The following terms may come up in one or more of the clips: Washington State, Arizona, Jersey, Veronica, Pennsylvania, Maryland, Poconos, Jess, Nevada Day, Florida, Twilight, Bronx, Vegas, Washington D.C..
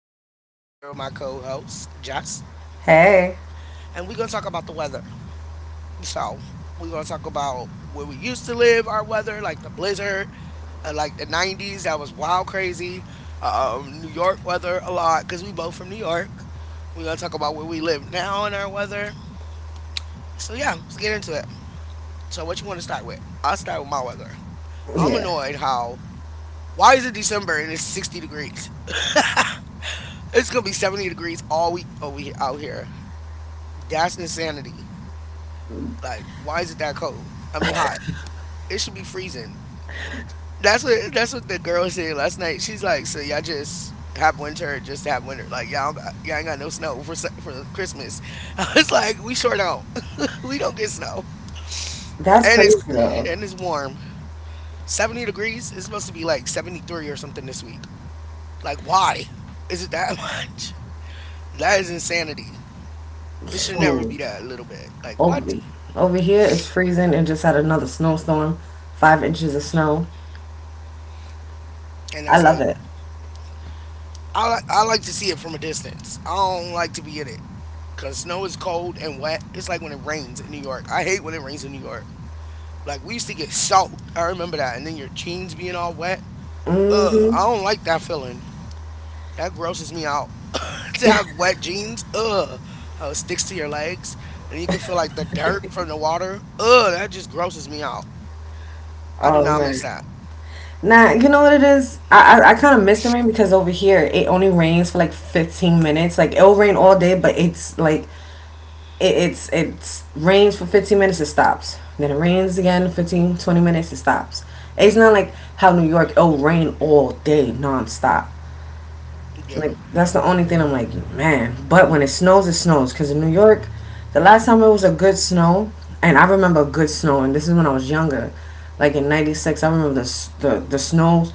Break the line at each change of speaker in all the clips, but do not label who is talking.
Veronica, and I'm here with my co host, Jess.
Hey.
And we're going to talk about the weather. So, we're going to talk about where we used to live, our weather, like the blizzard, like the 90s, that was wild crazy. New York weather a lot, because we both from New York. We're going to talk about where we live now and our weather. So, yeah, let's get into it. So, what you want to start with? I'll start with my weather. I'm
Yeah,
annoyed how, why is it December and it's 60 degrees? It's gonna be 70 degrees all week over here, out here. That's insanity. Like, why is it that cold? I mean, hot. It should be freezing. That's what the girl said last night. She's like, so y'all just have winter just to have winter. Like y'all ain't got no snow for Christmas. I was like, we sure don't. We don't get snow,
that's
and it's
crazy though.
and it's warm. 70 degrees. It's supposed to be like 73 or something this week. Like, why is it that much? That is insanity. It should never
Shoot.
be that little bit. Like what?
Ugly. Over here it's freezing and just had another snowstorm. 5 inches of snow.
And
I
that's
love
like
it.
I like to see it from a distance. I don't like to be in it because snow is cold and wet. It's like when it rains in New York. I hate when it rains in New York. Like we used to get soaked. I remember that. And then your jeans being all wet. Ugh, I don't like that feeling. That grosses me out. To have wet jeans. Ugh, how it sticks to your legs and you can feel like the dirt from the water. Ugh, that just grosses me out. I do
Oh
not miss
man.
that.
Nah, you know what it is? I kind of miss the rain because over here it only rains for like 15 minutes. Like it'll rain all day, but it's like it's rains for 15 minutes it stops. Then it rains again 15 20 minutes it stops. It's not like how New York it'll rain all day nonstop. Like
Yeah.
that's the only thing I'm like, man. But when it snows, it snows. Cause in New York, the last time it was a good snow, and I remember good snow, and this is when I was younger, like in '96. I remember the s- the snows.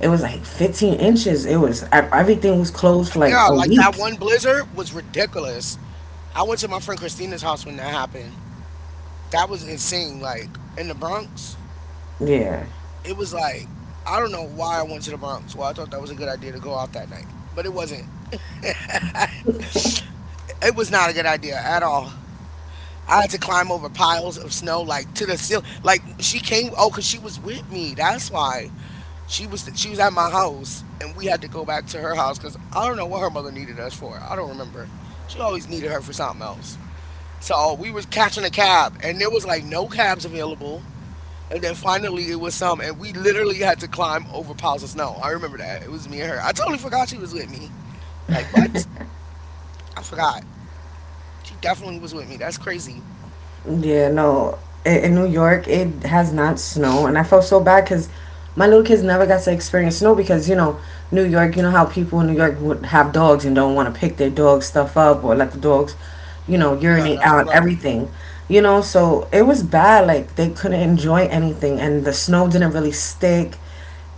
It was like 15 inches. It was everything was closed for like
Yeah,
a
like that
week.
one blizzard was ridiculous. I went to my friend Christina's house when that happened. That was insane. Like in the Bronx,
Yeah.
it was like I don't know why I went to the Bronx. Well, I thought that was a good idea to go out that night, but it wasn't. It was not a good idea at all. I had to climb over piles of snow, like to the ceiling. Like she came, oh, cause she was with me. That's why She was at my house, and we had to go back to her house, cause I don't know what her mother needed us for. I don't remember. She always needed her for something else. So we was catching a cab, and there was like no cabs available. And then finally it was some, and we literally had to climb over piles of snow. I remember that. It was me and her. I totally forgot she was with me. Like, what? I forgot. She definitely was with me. That's crazy.
Yeah, no. In New York, it has not snow, and I felt so bad because my little kids never got to experience snow because you know New York. You know how people in New York would have dogs and don't want to pick their dog stuff up or let the dogs
Yeah,
urinate
that's
out
gross.
everything. So it was bad. Like they couldn't enjoy anything, and the snow didn't really stick,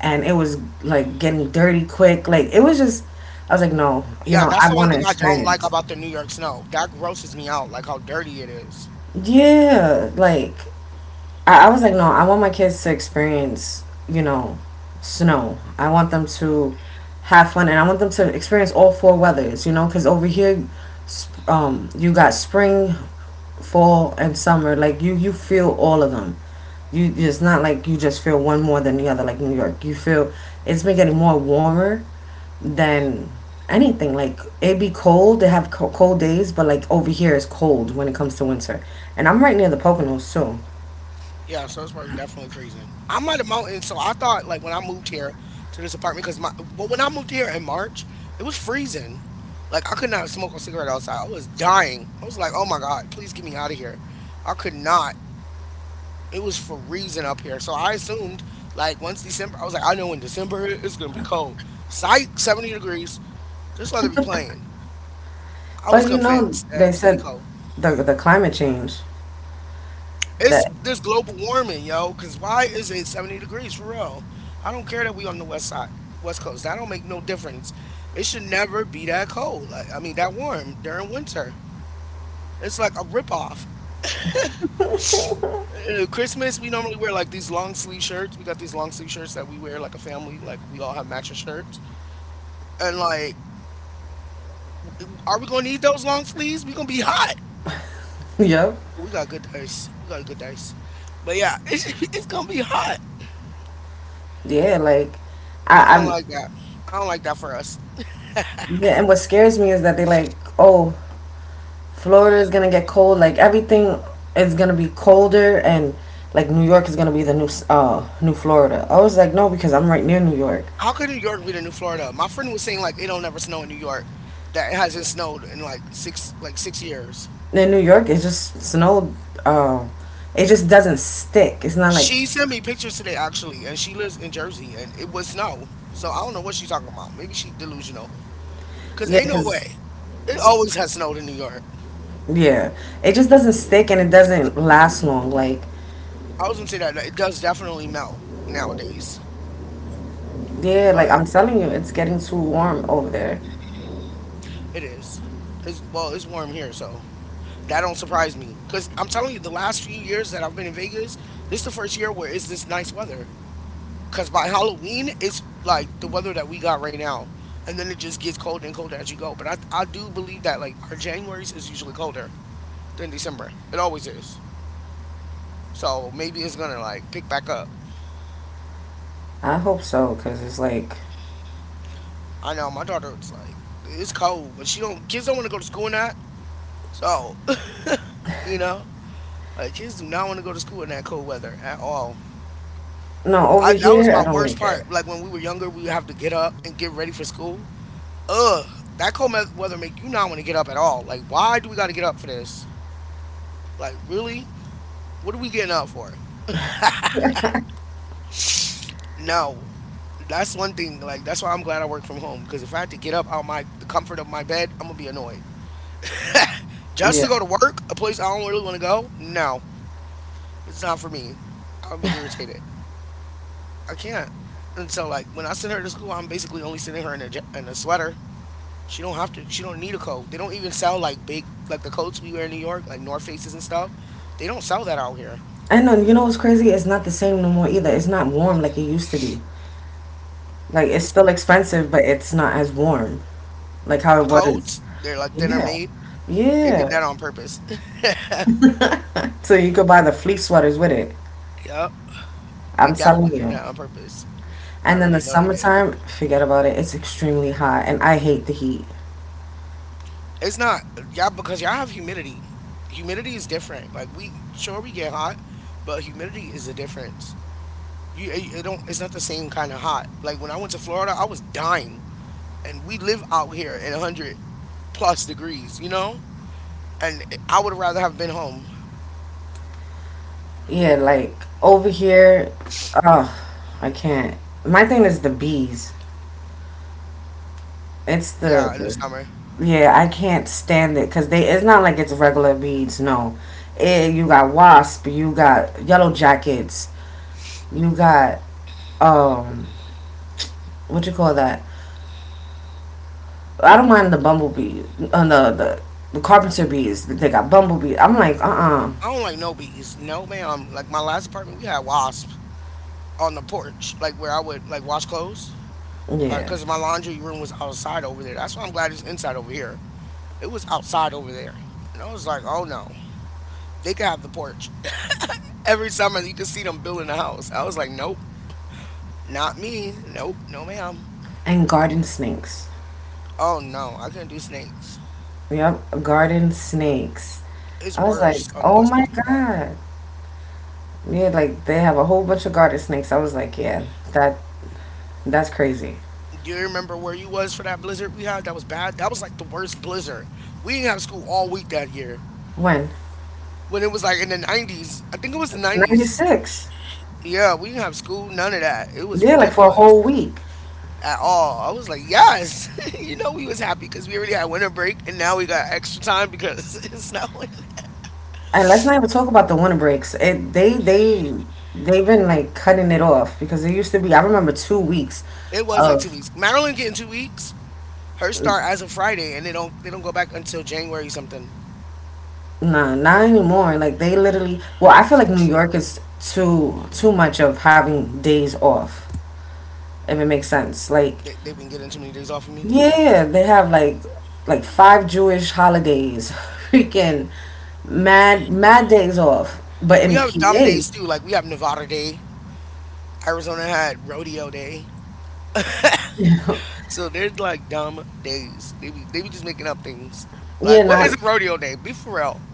and it was like getting dirty quick. Like it was just, I was like, no, you
Yeah,
know,
that's
I
the one
want to
thing I don't like
experience.
about the New York snow. That grosses me out, like how dirty it is.
Yeah, like I was like, no, I want my kids to experience snow. I want them to have fun and I want them to experience all four weathers, because over here, you got spring, fall, and summer. Like, you feel all of them. It's not like you just feel one more than the other, like New York. You feel it's been getting more warmer than anything. Like it be cold, they have cold days, but like over here it's cold when it comes to winter. And I'm right near the Poconos too.
Yeah, so it's probably definitely freezing. I'm at a mountain, so I thought like when I moved here to this apartment, because when I moved here in March, it was freezing. Like I could not smoke a cigarette outside. I was dying. I was like, oh my God, please get me out of here. I could not. It was freezing up here. So I assumed, like, once December, I was like, I know in December it's gonna be cold. Psych, 70 degrees. This weather be playing. I was
But
convinced that it
they
was gonna be
said
cold.
the climate change
It's
that
this global warming, yo. Cause why is it 70 degrees for real? I don't care that we on the west side, west coast. That don't make no difference. It should never be that cold. Like, I mean, that warm during winter. It's like a ripoff. Christmas, we normally wear like these long sleeve shirts. We got these long sleeve shirts that we wear like a family, like we all have matching shirts. And like are we gonna need those long sleeves? We gonna be hot.
yep.
We got good dice. We got good dice. But yeah, it's gonna be hot.
Yeah. Like
I
I,
don't
I'm
like that. I don't like that for us.
yeah, and what scares me is that they like, oh, Florida is gonna get cold, like everything is gonna be colder. And like New York is gonna be the new new Florida. I was like, no, because I'm right near New York.
How could New York be the new Florida? My friend was saying like it don't never snow in New York. That it hasn't snowed in like 6 years.
In New York it just snowed uh, it just doesn't stick, it's not like.
She sent me pictures today actually, and she lives in Jersey, and it was snow. So I don't know what she's talking about. Maybe she delusional. Cause
Yeah.
ain't no way.
Because
It always has snowed in New York.
yeah, it just doesn't stick and it doesn't last long like.
I was gonna say that it does definitely melt nowadays,
Yeah, like
but
I'm telling you, it's getting too warm over there.
it is. It's warm here, so that don't surprise me. Cause I'm telling you, the last few years that I've been in Vegas, this is the first year where it's this nice weather. Cause by Halloween, it's like the weather that we got right now, and then it just gets colder and colder as you go. But I do believe that like our January's is usually colder than December. It always is. So maybe it's gonna like pick back up.
I hope so, because it's like,
I know my daughter's like it's cold, but she don't kids don't want to go to school in that. So you know, like kids do not want to go to school in that cold weather at all.
no, over
I that was
here, I
my
don't
worst
like it.
part. Like when we were younger, we would have to get up and get ready for school. Ugh, that weather make you not want to get up at all. Like, why do we got to get up for this? Like, really? What are we getting up for? No, that's one thing. Like, that's why I'm glad I work from home. Because if I had to get up out my the comfort of my bed, I'm gonna be annoyed. Just
Yeah.
to go to work, a place I don't really want to go. No, it's not for me. I'll be irritated. I can't. And so, like, when I send her to school, I'm basically only sending her in in a sweater. She don't have to. She don't need a coat. They don't even sell like big like the coats we wear in New York, like North Faces and stuff. They don't sell that out here.
And know. You know what's crazy? It's not the same no more either. It's not warm like it used to be. Like, it's
It's
still expensive, but it's not as warm like how
the
it was.
coats. They're like thinner
Yeah.
made. They did
Yeah.
that on purpose.
So you could buy the fleece sweaters with it.
Yep, they
I'm telling
definitely did
you.
that on purpose. I
And then the
already know they did.
summertime, forget about it. It's extremely hot, and I hate the heat.
It's not y'all because y'all have humidity. Humidity is different. Like we sure we get hot, but humidity is the difference. You it, it don't. It's not the same kind of hot. Like when I went to Florida, I was dying, and we live out here in a hundred plus degrees. You know, and I would rather have been home.
Yeah, like over here, oh, I can't. My thing is the bees. It's
Yeah,
the,
in the
the
summer.
Yeah, I can't stand it because they. It's not like it's regular bees. No, you got wasp, you got yellow jackets, you got um, what you call that? I don't mind the bumblebee, uh, the the the carpenter bees. They got bumblebees. I'm like,
I don't like no bees. No, ma'am. Like my last apartment, we had wasps on the porch, like where I would like wash clothes. All right,
yeah,
because my laundry room was outside over there. That's why I'm glad it's inside over here. It was outside over there. And I was like, oh no, they could have the porch. Every summer you could see them building the house. I was like, nope, not me. Nope, no ma'am.
and garden snakes.
Oh no, I couldn't do snakes.
Yep, garden snakes.
It's
I was like,
worse on the
oh
West
my
Coast with that.
God. Yeah, like they have a whole bunch of garter snakes. I was like, yeah, that that's crazy.
You remember where you was for that blizzard we had? That was bad. That was like the worst blizzard. We didn't have school all week that year.
When?
When it was like in the 90s, I think it was the 90s.
96.
Yeah, we didn't have school, none of that. It was
Yeah, like for a
ridiculous
whole week.
at all. I was like, yes, you know, we was happy because we already had winter break and now we got extra time because it's snowing.
And let's not even talk about the winter breaks. It they they've been like cutting it off because it used to be I remember 2 weeks
It was like two
of.
weeks. Maryland getting 2 weeks. Her start as of Friday, and they don't go back until January something.
Nah, not anymore. Like they literally well, I feel like New York is too much of having days off, if it makes sense. Like
They've been getting too many days off. You mean?
yeah, they have like five Jewish holidays, freaking mad days off. But
We
in
have dumb
PA,
days too. Like we have Nevada Day. Arizona had rodeo day. So they're like dumb days. They be just making up things.
yeah,
Like what is
not
a rodeo day? Be for real.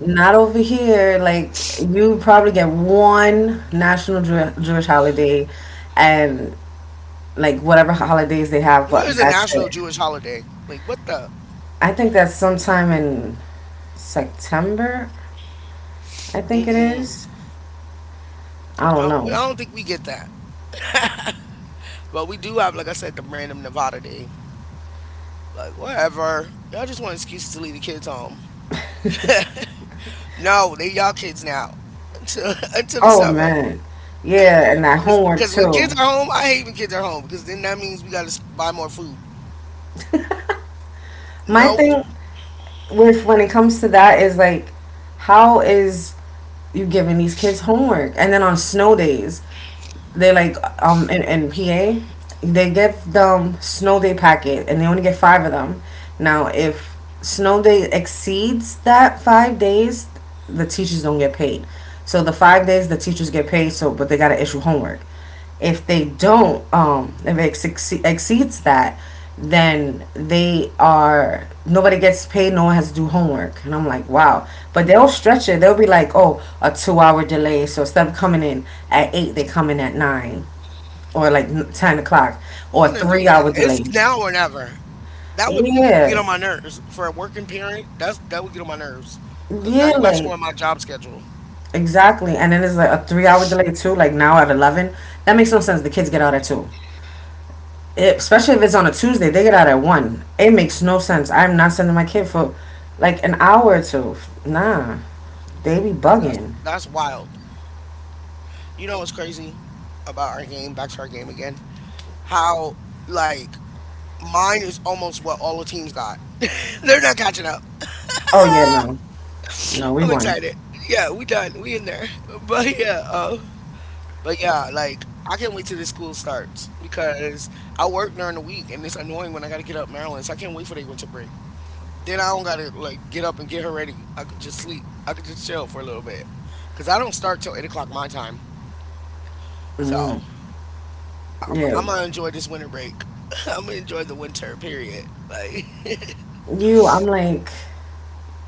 not over here. Like you probably get one national Jewish holiday, and like whatever holidays they have,
What
but
is a
that's
national
it.
Jewish holiday? Like what the?
I think that's sometime in September. I think it
Mm-mm.
is. I don't know.
I don't think we get that. But we do have, like I said, the random Nevada day. Like whatever. Y'all just want excuses to leave the kids home. No, they y'all kids now until until the
Oh
summer.
man, yeah, and that homework
Because when
too.
kids are home, I hate when kids are home because then that means we got to buy more food.
My
Nope.
thing. With when it comes to that is like, how is you giving these kids homework? And then on snow days, they like in PA, they give them snow day packet and they only get five of them. Now if snow day exceeds that 5 days, the teachers don't get paid. So the 5 days the teachers get paid so but they gotta issue homework. If they don't, if it exceeds that, then they are nobody gets paid. No one has to do homework, and I'm like, wow. But they'll stretch it. They'll be like, oh, a 2-hour delay. So instead of coming in at 8, they come in at 9 or like 10 o'clock
Who
or a
want to do that?
three-hour
It's
delay.
now or never. That would get
Yeah,
on my nerves for a working parent. That would get on my nerves because now
yeah,
you're messing
like
with my job schedule.
exactly. And then it's like a 3-hour delay too, like now at 11. That makes no sense. The kids get out at 2. Especially if it's on a Tuesday, they get out at 1. It makes no sense. I'm not sending my kid for like an hour or two. Nah, they be
Yeah, that's
bugging.
that's wild. You know what's crazy about our game? Back to our game again. How like mine is almost what all the teams got. They're not catching up.
Oh yeah, no, no, we
I'm
won.
excited. Yeah, we done. We in there. But yeah, uh, but yeah, like I can't wait till this school starts because I work during the week and it's annoying when I got to get up Maryland. So I can't wait for their winter break. Then I don't gotta like get up and get her ready. I could just sleep. I could just chill for a little bit. Cause I don't start till 8 o'clock my time. So
Mm,
I'm
yeah,
I'm gonna enjoy this winter break. I'm gonna enjoy the winter period. Like
you. I'm like,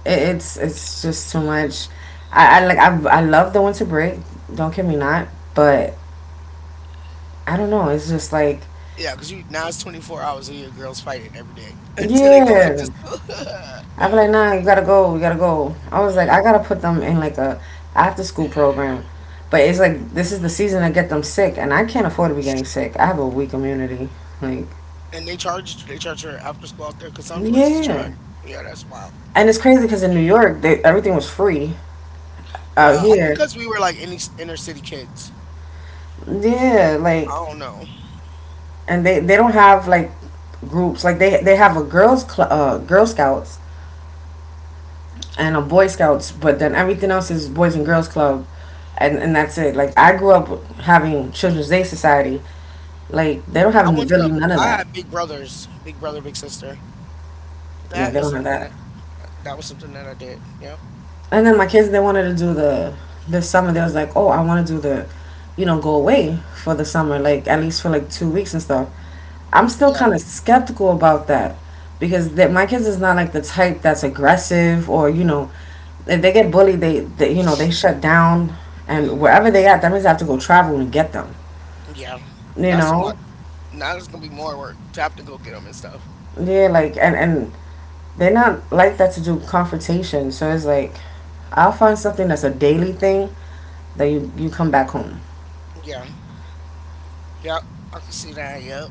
it's just too much. I like I love the winter break. Don't kid me not, but I don't know. It's just like.
yeah, cause you now it's 24 hours of your girls fighting every day until they go back to
Yeah.
school.
I'd be like, nah, you gotta go, you gotta go. I was like, I gotta put them in like a after school program. But it's like this is the season to get them sick and I can't afford to be getting sick. I have a weak immunity. Like
and they charge her after school out there because some places charge.
yeah.
Yeah, that's wild.
And it's crazy because in New York, everything was free out
Yeah, I think
here.
because we were like any inner city kids.
Yeah,
I
like
don't know.
and they don't have like groups. Like they have a girl scouts and a boy scouts, but then everything else is boys and girls club. And that's it. Like I grew up having children's day society. Like they don't
I went
have really
to
none of
I
that.
had big brothers, big brother, big sister.
Yeah,
That
they
is
don't have
something.
that.
That was something that I did. Yep.
And then my kids, they wanted to do the this summer. They was like, oh, I want to do go away for the summer, like at least for like 2 weeks and stuff. I'm still
Yeah.
kind of skeptical about that because that my kids is not like the type that's aggressive or you know, if they get bullied, they they shut down, and wherever they at, that means I have to go travel and get them.
Yeah.
You
That's too much.
know,
Now it's gonna be more work to have to go get them and stuff.
yeah, like and they're not like that to do confrontation. So it's like, I'll find something that's a daily thing that you come back home.
Yeah. Yep. I can see that. Yep.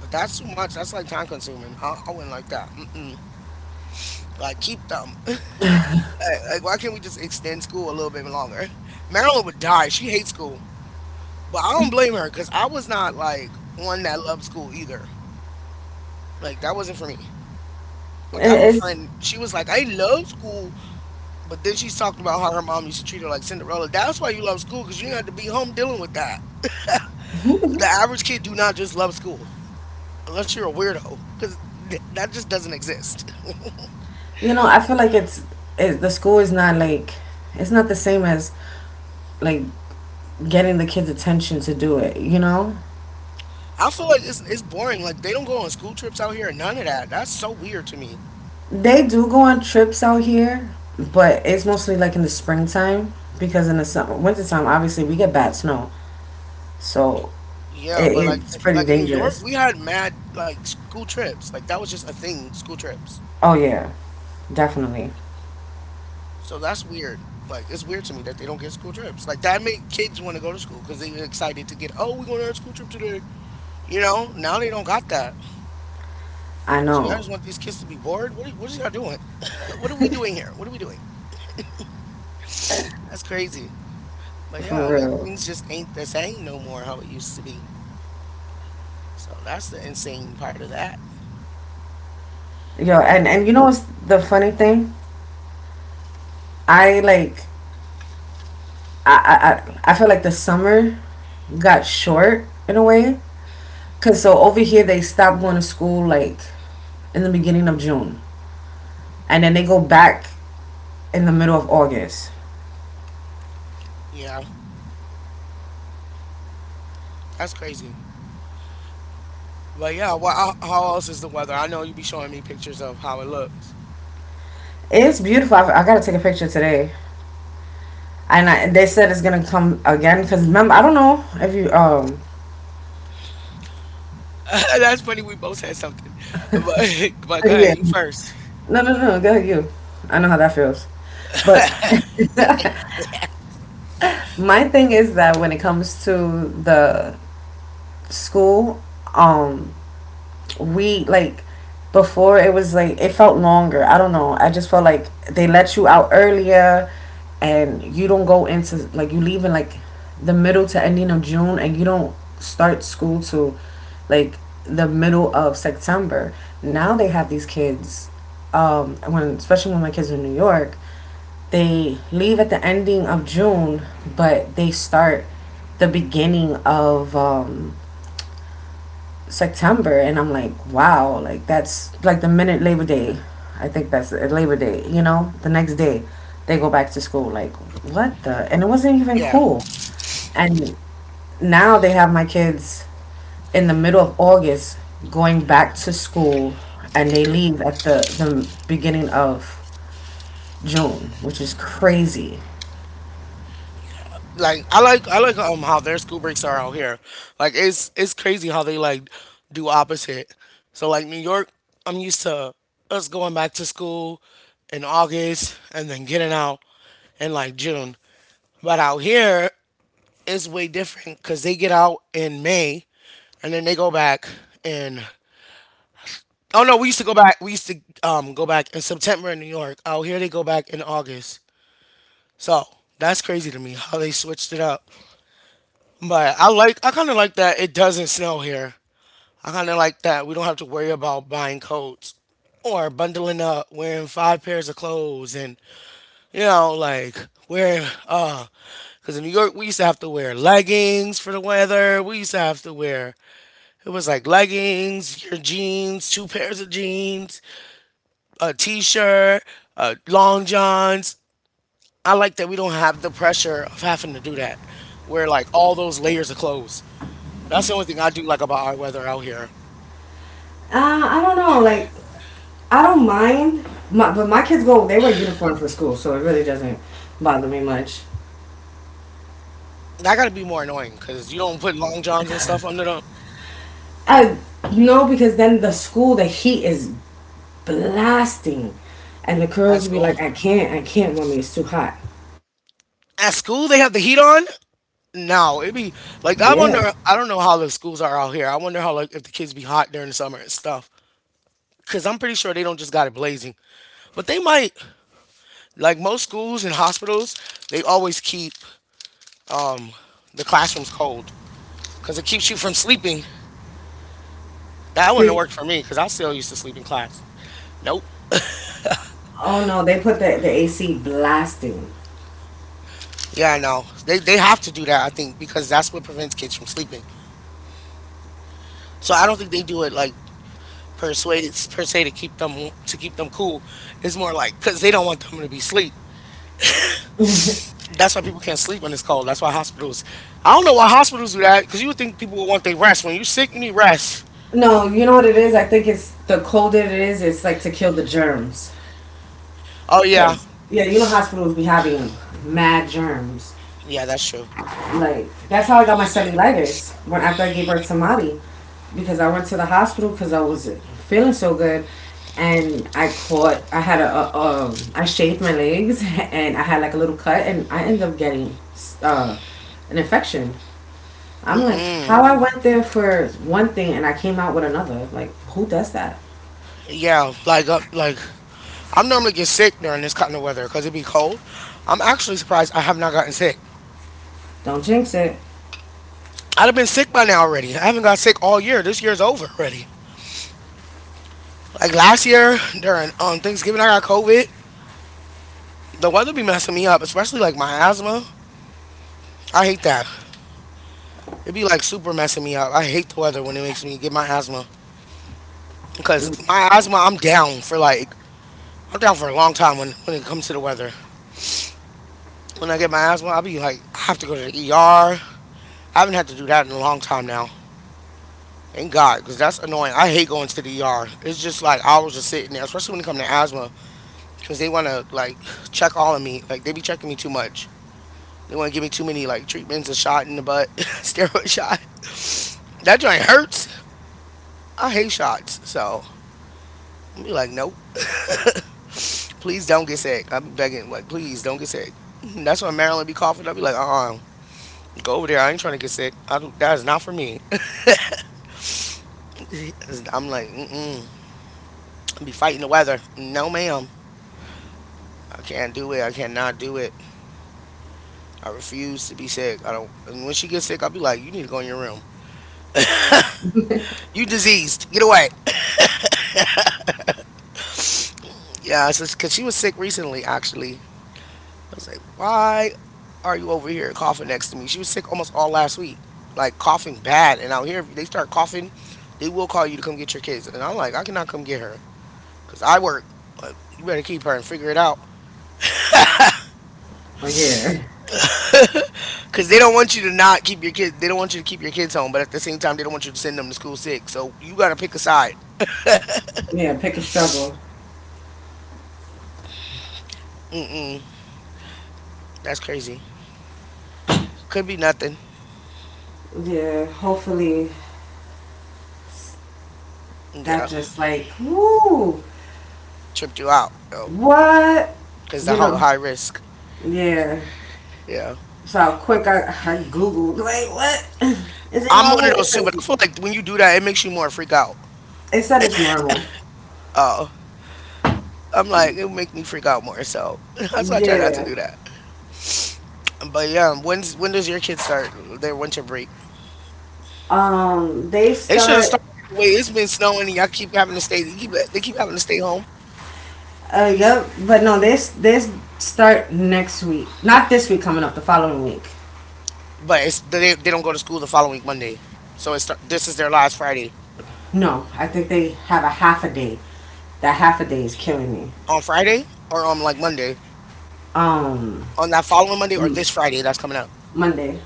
But that's too much. That's like time consuming. I wouldn't like that. Mm-mm. Like keep them. Like why can't we just extend school a little bit longer? Marilyn would die. She hates school. But I don't blame her because I was not like one that loved school either. Like that wasn't for me. Like I have a
It's
friend. She was like, I love school. But then she's talking about how her mom used to treat her like Cinderella. That's why you love school because you didn't have to be home dealing with that. The average kid do not just love school unless you're a weirdo because that just doesn't exist.
I feel like the school is not like. It's not the same as like getting the kids attention to do it. You know
I feel like it's boring. Like they don't go on school trips out here and none of that. That's so weird to me.
they do go on trips out here, but it's mostly like in the springtime because in the summer, wintertime obviously we get bad snow, so
Yeah, but
it, it's pretty
like in New York,
dangerous.
we had mad like school trips. Like that was just a thing, school trips.
Oh yeah, definitely.
So that's weird. Like it's weird to me that they don't get school trips. Like that make kids want to go to school because they were excited to get. Oh, we're going on a school trip today. You know, now they don't got that.
I
So y'all
know
just want these kids to be bored? What are y'all doing? What are we doing here? What are we doing? That's crazy. But
for
yeah, like
real.
things just ain't the same no more how it used to be. So that's the insane part of that.
Yo, and you know what's the funny thing? I like I feel like the summer got short in a way, cause so over here they stop going to school like in the beginning of June, and then they go back in the middle of August.
Yeah, that's crazy. But yeah, well, how else is the weather? I know you be showing me pictures of how it looks.
It's beautiful. I gotta take a picture today, and they said it's gonna come again. Cause remember, I don't know if you
That's funny. We both had something, but but go ahead,
yeah,
you first.
no, no, no, go ahead you. I know how that feels, but my thing is that when it comes to the school, um, we like before it was like it felt longer. I don't know. I just felt like they let you out earlier, and you don't go into like you leave in like the middle to ending of June, and you don't start school till like the middle of September. Now they have these kids. When especially when my kids were in New York, they leave at the ending of June, but they start the beginning of September, and I'm like, wow, like that's like the minute Labor Day. I think that's it, Labor Day. The next day they go back to school. Like, what the? And it wasn't even
Yeah.
cool. And now they have my kids in the middle of August going back to school, and they leave at the beginning of June, which is crazy.
I like how their school breaks are out here. Like it's crazy how they like do opposite. So like New York, I'm used to us going back to school in August and then getting out in like June. But out here it's way different because they get out in May and then they go back in oh no we used to go back we used to go back in September in New York. Out here they go back in August. So that's crazy to me how they switched it up. But I kind of like that it doesn't snow here. I kind of like that we don't have to worry about buying coats or bundling up, wearing five pairs of clothes, and you know like wearing. Cause in New York, we used to have to wear leggings for the weather. We used to have to wear it was like leggings, your jeans, two pairs of jeans, a t-shirt, long johns. I like that we don't have the pressure of having to do that. Wear like all those layers of clothes. That's the only thing I do like about our weather out here.
I don't know. Like, I don't mind. But my kids go, they wear uniform for school, so it really doesn't bother me much.
That gotta be more annoying because you don't put long johns and stuff under them
I no, because then the school, the heat is blasting, and the
at
curls be
school.
like, I can't, mommy, it's too hot.
At school, they have the heat on. No, it be like I
Yeah,
wonder. I don't know how the schools are out here. I wonder how like if the kids be hot during the summer and stuff. Cause I'm pretty sure they don't just got it blazing, but they might. Like most schools and hospitals, they always keep um the classrooms cold because it keeps you from sleeping. That wouldn't
freak.
work for me because I still used to sleep in class. Nope.
Oh no, they put the AC blasting.
Yeah, no. They have to do that, I think, because that's what prevents kids from sleeping. So I don't think they do it like persuade per se to keep them cool. It's more like because they don't want them to be asleep. That's why people can't sleep when it's cold. That's why hospitals. I don't know why hospitals do that because you would think people would want their rest. When you're sick, you need rest.
No, you know what it is. I think it's the colder it is, it's like to kill the germs.
Oh yeah,
Cause yeah, you know hospitals be having mad germs.
yeah, that's true.
Like that's how I got my cellulitis when after I gave birth to Mari, because I went to the hospital because I was feeling so good, and I had a. I shaved my legs and I had like a little cut and I ended up getting uh an infection. I'm like, how I went there for one thing and I came out with another. Like, who does that?
Yeah, like I'm normally get sick during this kind of weather because it be cold. I'm actually surprised I have not gotten sick.
Don't jinx it.
I'd have been sick by now already. I haven't got sick all year. This year's over already. Like last year during Thanksgiving, I got COVID. The weather be messing me up, especially like my asthma. I hate that. It be like super messing me up. I hate the weather when it makes me get my asthma because my asthma, I'm down for like I'm down for a long time when it comes to the weather. When I get my asthma, I'll be like I have to go to the ER. I haven't had to do that in a long time now. Thank God, because that's annoying. I hate going to the ER. It's just like hours of sitting there, especially when it comes to asthma, because they want to like check all of me. Like they be checking me too much. They want to give me too many like treatments, a shot in the butt, steroid shot. That joint hurts. I hate shots, so I'm be like, nope. Please don't get sick. I'm begging, like, please don't get sick. That's when Marilyn be coughing. I be like, go over there. I ain't trying to get sick. I don't, that is not for me. I'm like, mm mm. I be fighting the weather. No, ma'am. I can't do it. I cannot do it. I refuse to be sick. I don't. And when she gets sick, I'll be like, you need to go in your room. You diseased. Get away. Yeah, it's just because she was sick recently, actually. Was like, why are you over here coughing next to me? She was sick almost all last week, like coughing bad. And out here, if they start coughing, they will call you to come get your kids. And I'm like, I cannot come get her because I work. But you better keep her and figure it out.
But yeah,
Because they don't want you to not keep your kids. They don't want you to keep your kids home, but at the same time, they don't want you to send them to school sick. So you got to pick a side.
yeah, pick a struggle.
Mm-mm. That's crazy. Could be nothing.
Yeah, hopefully that
Yeah.
just like, woo,
Tripped you out, oh,
what?
because the
You
whole
know,
high risk.
Yeah.
Yeah.
So quick, I googled. Like, what is it
I'm one of
normal?
those too, but I feel like when you do that, it makes you more freak out.
It said it's normal.
I'm like, it would make me freak out more. So that's why I try not to
Yeah.
do that. But yeah, when does your kids start their winter break?
They
They should have
start.
started the way it's been snowing and y'all keep having to stay. They keep having to stay home,
Yep. But no, this start next week. Not this week coming up. The following week.
but it's they don't go to school the following Monday. So it's start, this is their last Friday
No, I think they have a half a day. That half a day is killing me.
on Friday or on like Monday
Um,
on that following Monday or this Friday that's coming up.
Monday.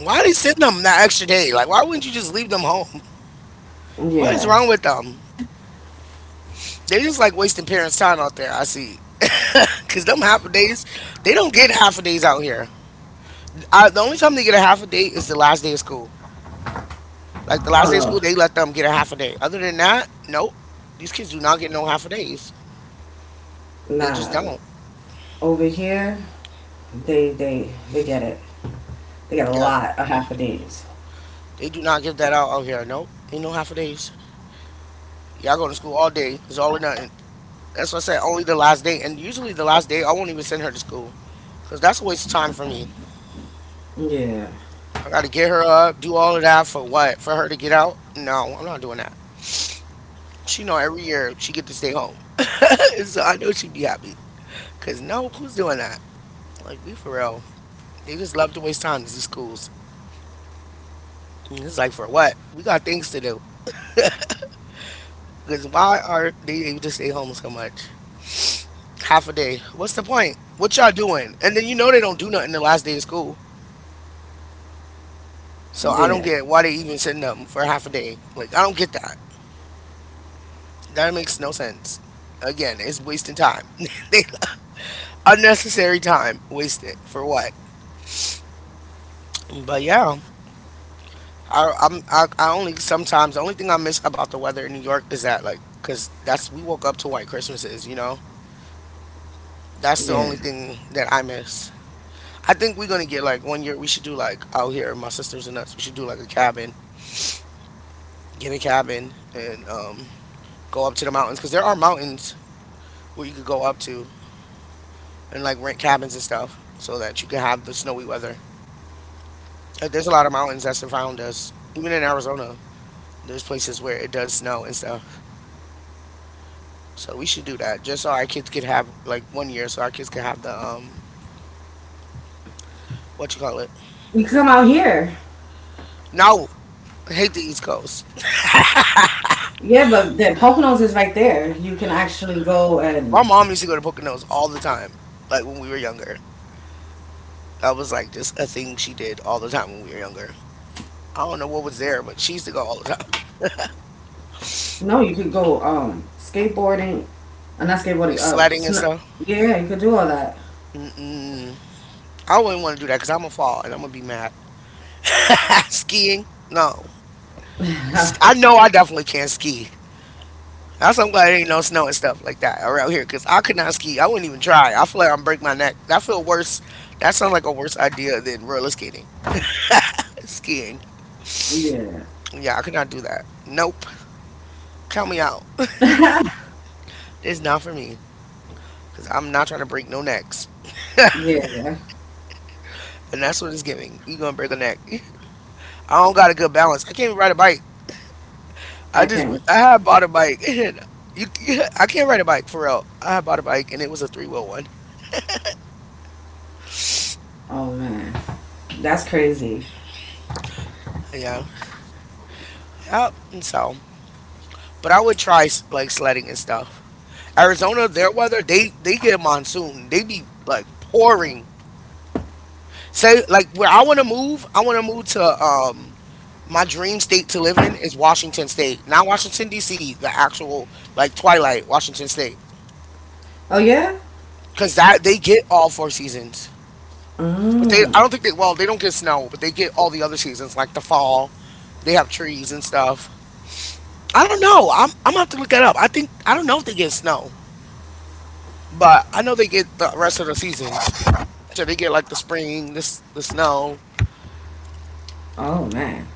Why they send them that extra day? Like why wouldn't you just leave them home? What is
Yeah.
wrong with them? They just like wasting parents' time out there. I see, cause them half a days, they don't get half a days out here. I, the only time they get a half a day is the last day of school. Like the
Oh
last day of
no.
school, they let them get a half a day. Other than that, nope. These kids do not get no half a days. They just
Nah.
don't.
Over here, they get it. They get a
Yeah,
lot of half a days.
they do not give that out here. Nope, ain't no half a days. Y'all go to school all day. It's all or nothing. That's why I said only the last day. And usually the last day, I won't even send her to school, cause that's a waste of time for me.
Yeah.
I gotta get her up, do all of that for what? For her to get out? No, I'm not doing that. She know every year she get to stay home. So I know she would be happy. Cause no, who's doing that? Like be for real. They just love to waste time, these schools. And it's like for what? We got things to do. Cause why are they able to stay home so much? Half a day. What's the point? What y'all doing? And then they don't do nothing the last day of school. So I don't
Yeah,
get why they even send them for half a day. Like I don't get that. That makes no sense. Again, it's wasting time. Unnecessary time wasted for what? But yeah. I, I'm I only sometimes The only thing I miss about the weather in New York is that, like, because that's we woke up to white Christmases, That's the
yeah.
only thing that I miss. I think we're gonna get like 1 year. We should do like out here, my sisters and us. We should do like a cabin, get a cabin, and go up to the mountains, because there are mountains where you could go up to and like rent cabins and stuff so that you can have the snowy weather. Like, there's a lot of mountains that surround us, even in Arizona. There's places where it does snow and stuff. So we should do that just so our kids could have like 1 year, so our kids could have the what you call it.
You can come out here.
No, I hate the East Coast.
Yeah, but the Poconos is right there. You can actually go
My
and
mom used to go to Poconos all the time, like when we were younger. That was like just a thing she did all the time when we were younger. I don't know what was there, but she used to go all the time.
no, you could go skateboarding, not skateboarding.
Like sledding and stuff.
Yeah, you could do all that.
Mm-mm. I wouldn't want to do that because I'm gonna fall and I'm gonna be mad. Skiing? No. I know I definitely can't ski. That's I'm glad there ain't no snow and stuff like that around here because I could not ski. I wouldn't even try. I feel like I'm break my neck. That feel worse. That sounds like a worse idea than roller skating, skiing.
Yeah,
Yeah, I could not do that. Nope. Count me out. It's not for me because I'm not trying to break no necks,
yeah.
and that's what it's giving. You gonna break a neck? I don't got a good balance. I can't even ride a bike.
I
I just
can't.
I had bought a bike. And you, I can't ride a bike for real. I had bought a bike and it was a three wheel one.
Oh man, that's crazy.
Yeah. Yep. And so, but I would try like sledding and stuff. Arizona, their weather, they get a monsoon. They be like pouring. Say like where I want to move, I want to move to my dream state to live in is Washington State, not Washington D.C. The actual like Twilight, Washington State,
Oh yeah.
because that they get all four seasons. But they, I
Mm.
don't think they. Well, they don't get snow, but they get all the other seasons, like the fall. They have trees and stuff. I don't know. I'm gonna have to look that up. I don't know if they get snow. But I know they get the rest of the seasons. So they get like the spring, this the snow,
Oh man,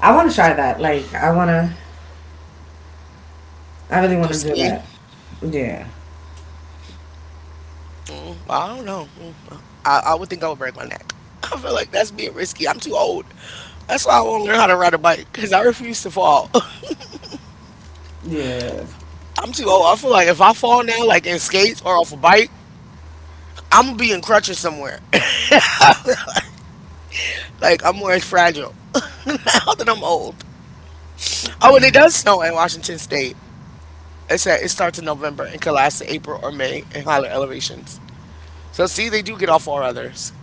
I want to try that. Like I wanna. I really
like do
want to do
skiing.
that. Yeah.
Well, I don't know. I would think I would break my neck. I feel like that's being risky. I'm too old. That's why I won't learn how to ride a bike because I refuse to fall.
Yeah.
I'm too old. I feel like if I fall now, like in skates or off a bike, I'm gonna be in crutches somewhere. Like I'm more fragile now that I'm old. Oh, and it does snow in Washington State. It said it starts in November and can last to April or May in higher elevations. So see, they do get off all others.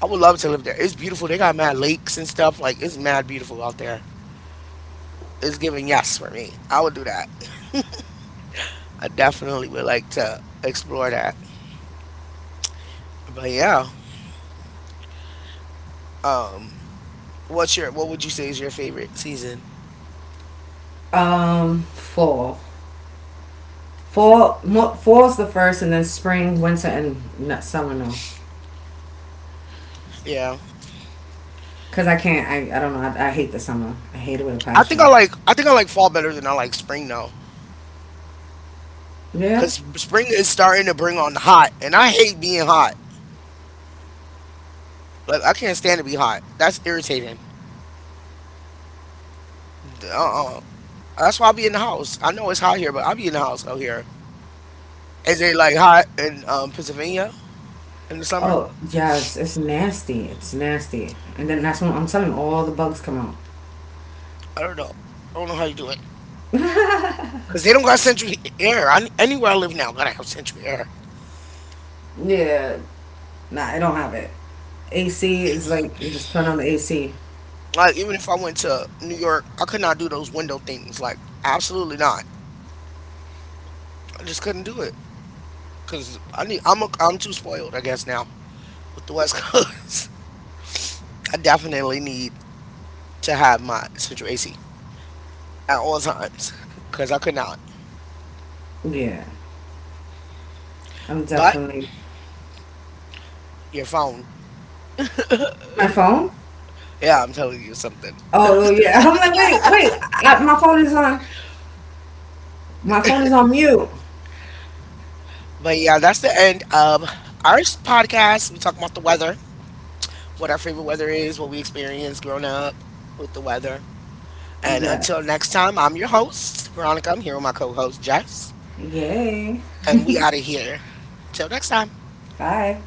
I would love to live there. It's beautiful. They got mad lakes and stuff. Like it's mad beautiful out there. It's giving yes for me. I would do that. I definitely would like to explore that. But yeah, what would you say is your favorite season?
Fall. Fall, fall's the first, and then spring, winter, and no, summer. No,
Yeah,
cause I can't. I don't know. I hate the summer. I hate it with a passion.
I think I like fall better than I like spring though,
Yeah.
cause spring is starting to bring on the hot, and I hate being hot. Like I can't stand to be hot. That's irritating. Uh uh That's why I be in the house. I know it's hot here, but I be in the house out here. Is it like hot in Pennsylvania in the summer?
Oh yes, it's nasty. It's nasty. And then that's when I'm telling you, all the bugs come out.
I don't know. I don't know how you do it. Cause they don't got central air. I, anywhere I live now, gotta have central air.
Yeah. Nah, I don't have it. AC is like you just turn on the AC.
Like even if I went to New York, I could not do those window things. Like absolutely not. I just couldn't do it. Cause I need. I'm too spoiled, I guess now with the West Coast. I definitely need to have my central AC at all times. Cause I could not.
Yeah, I'm
But
definitely
your phone.
my phone.
Yeah, I'm telling you something.
Oh oh, yeah, I'm like wait wait, my phone is on. My phone is on mute.
But yeah, that's the end of our podcast. We talk about the weather, what our favorite weather is, what we experienced growing up with the weather. And until
Yes.
next time, I'm your host, Veronica. I'm here with my co host, Jess.
Yay.
And we out of here. Till next time.
Bye.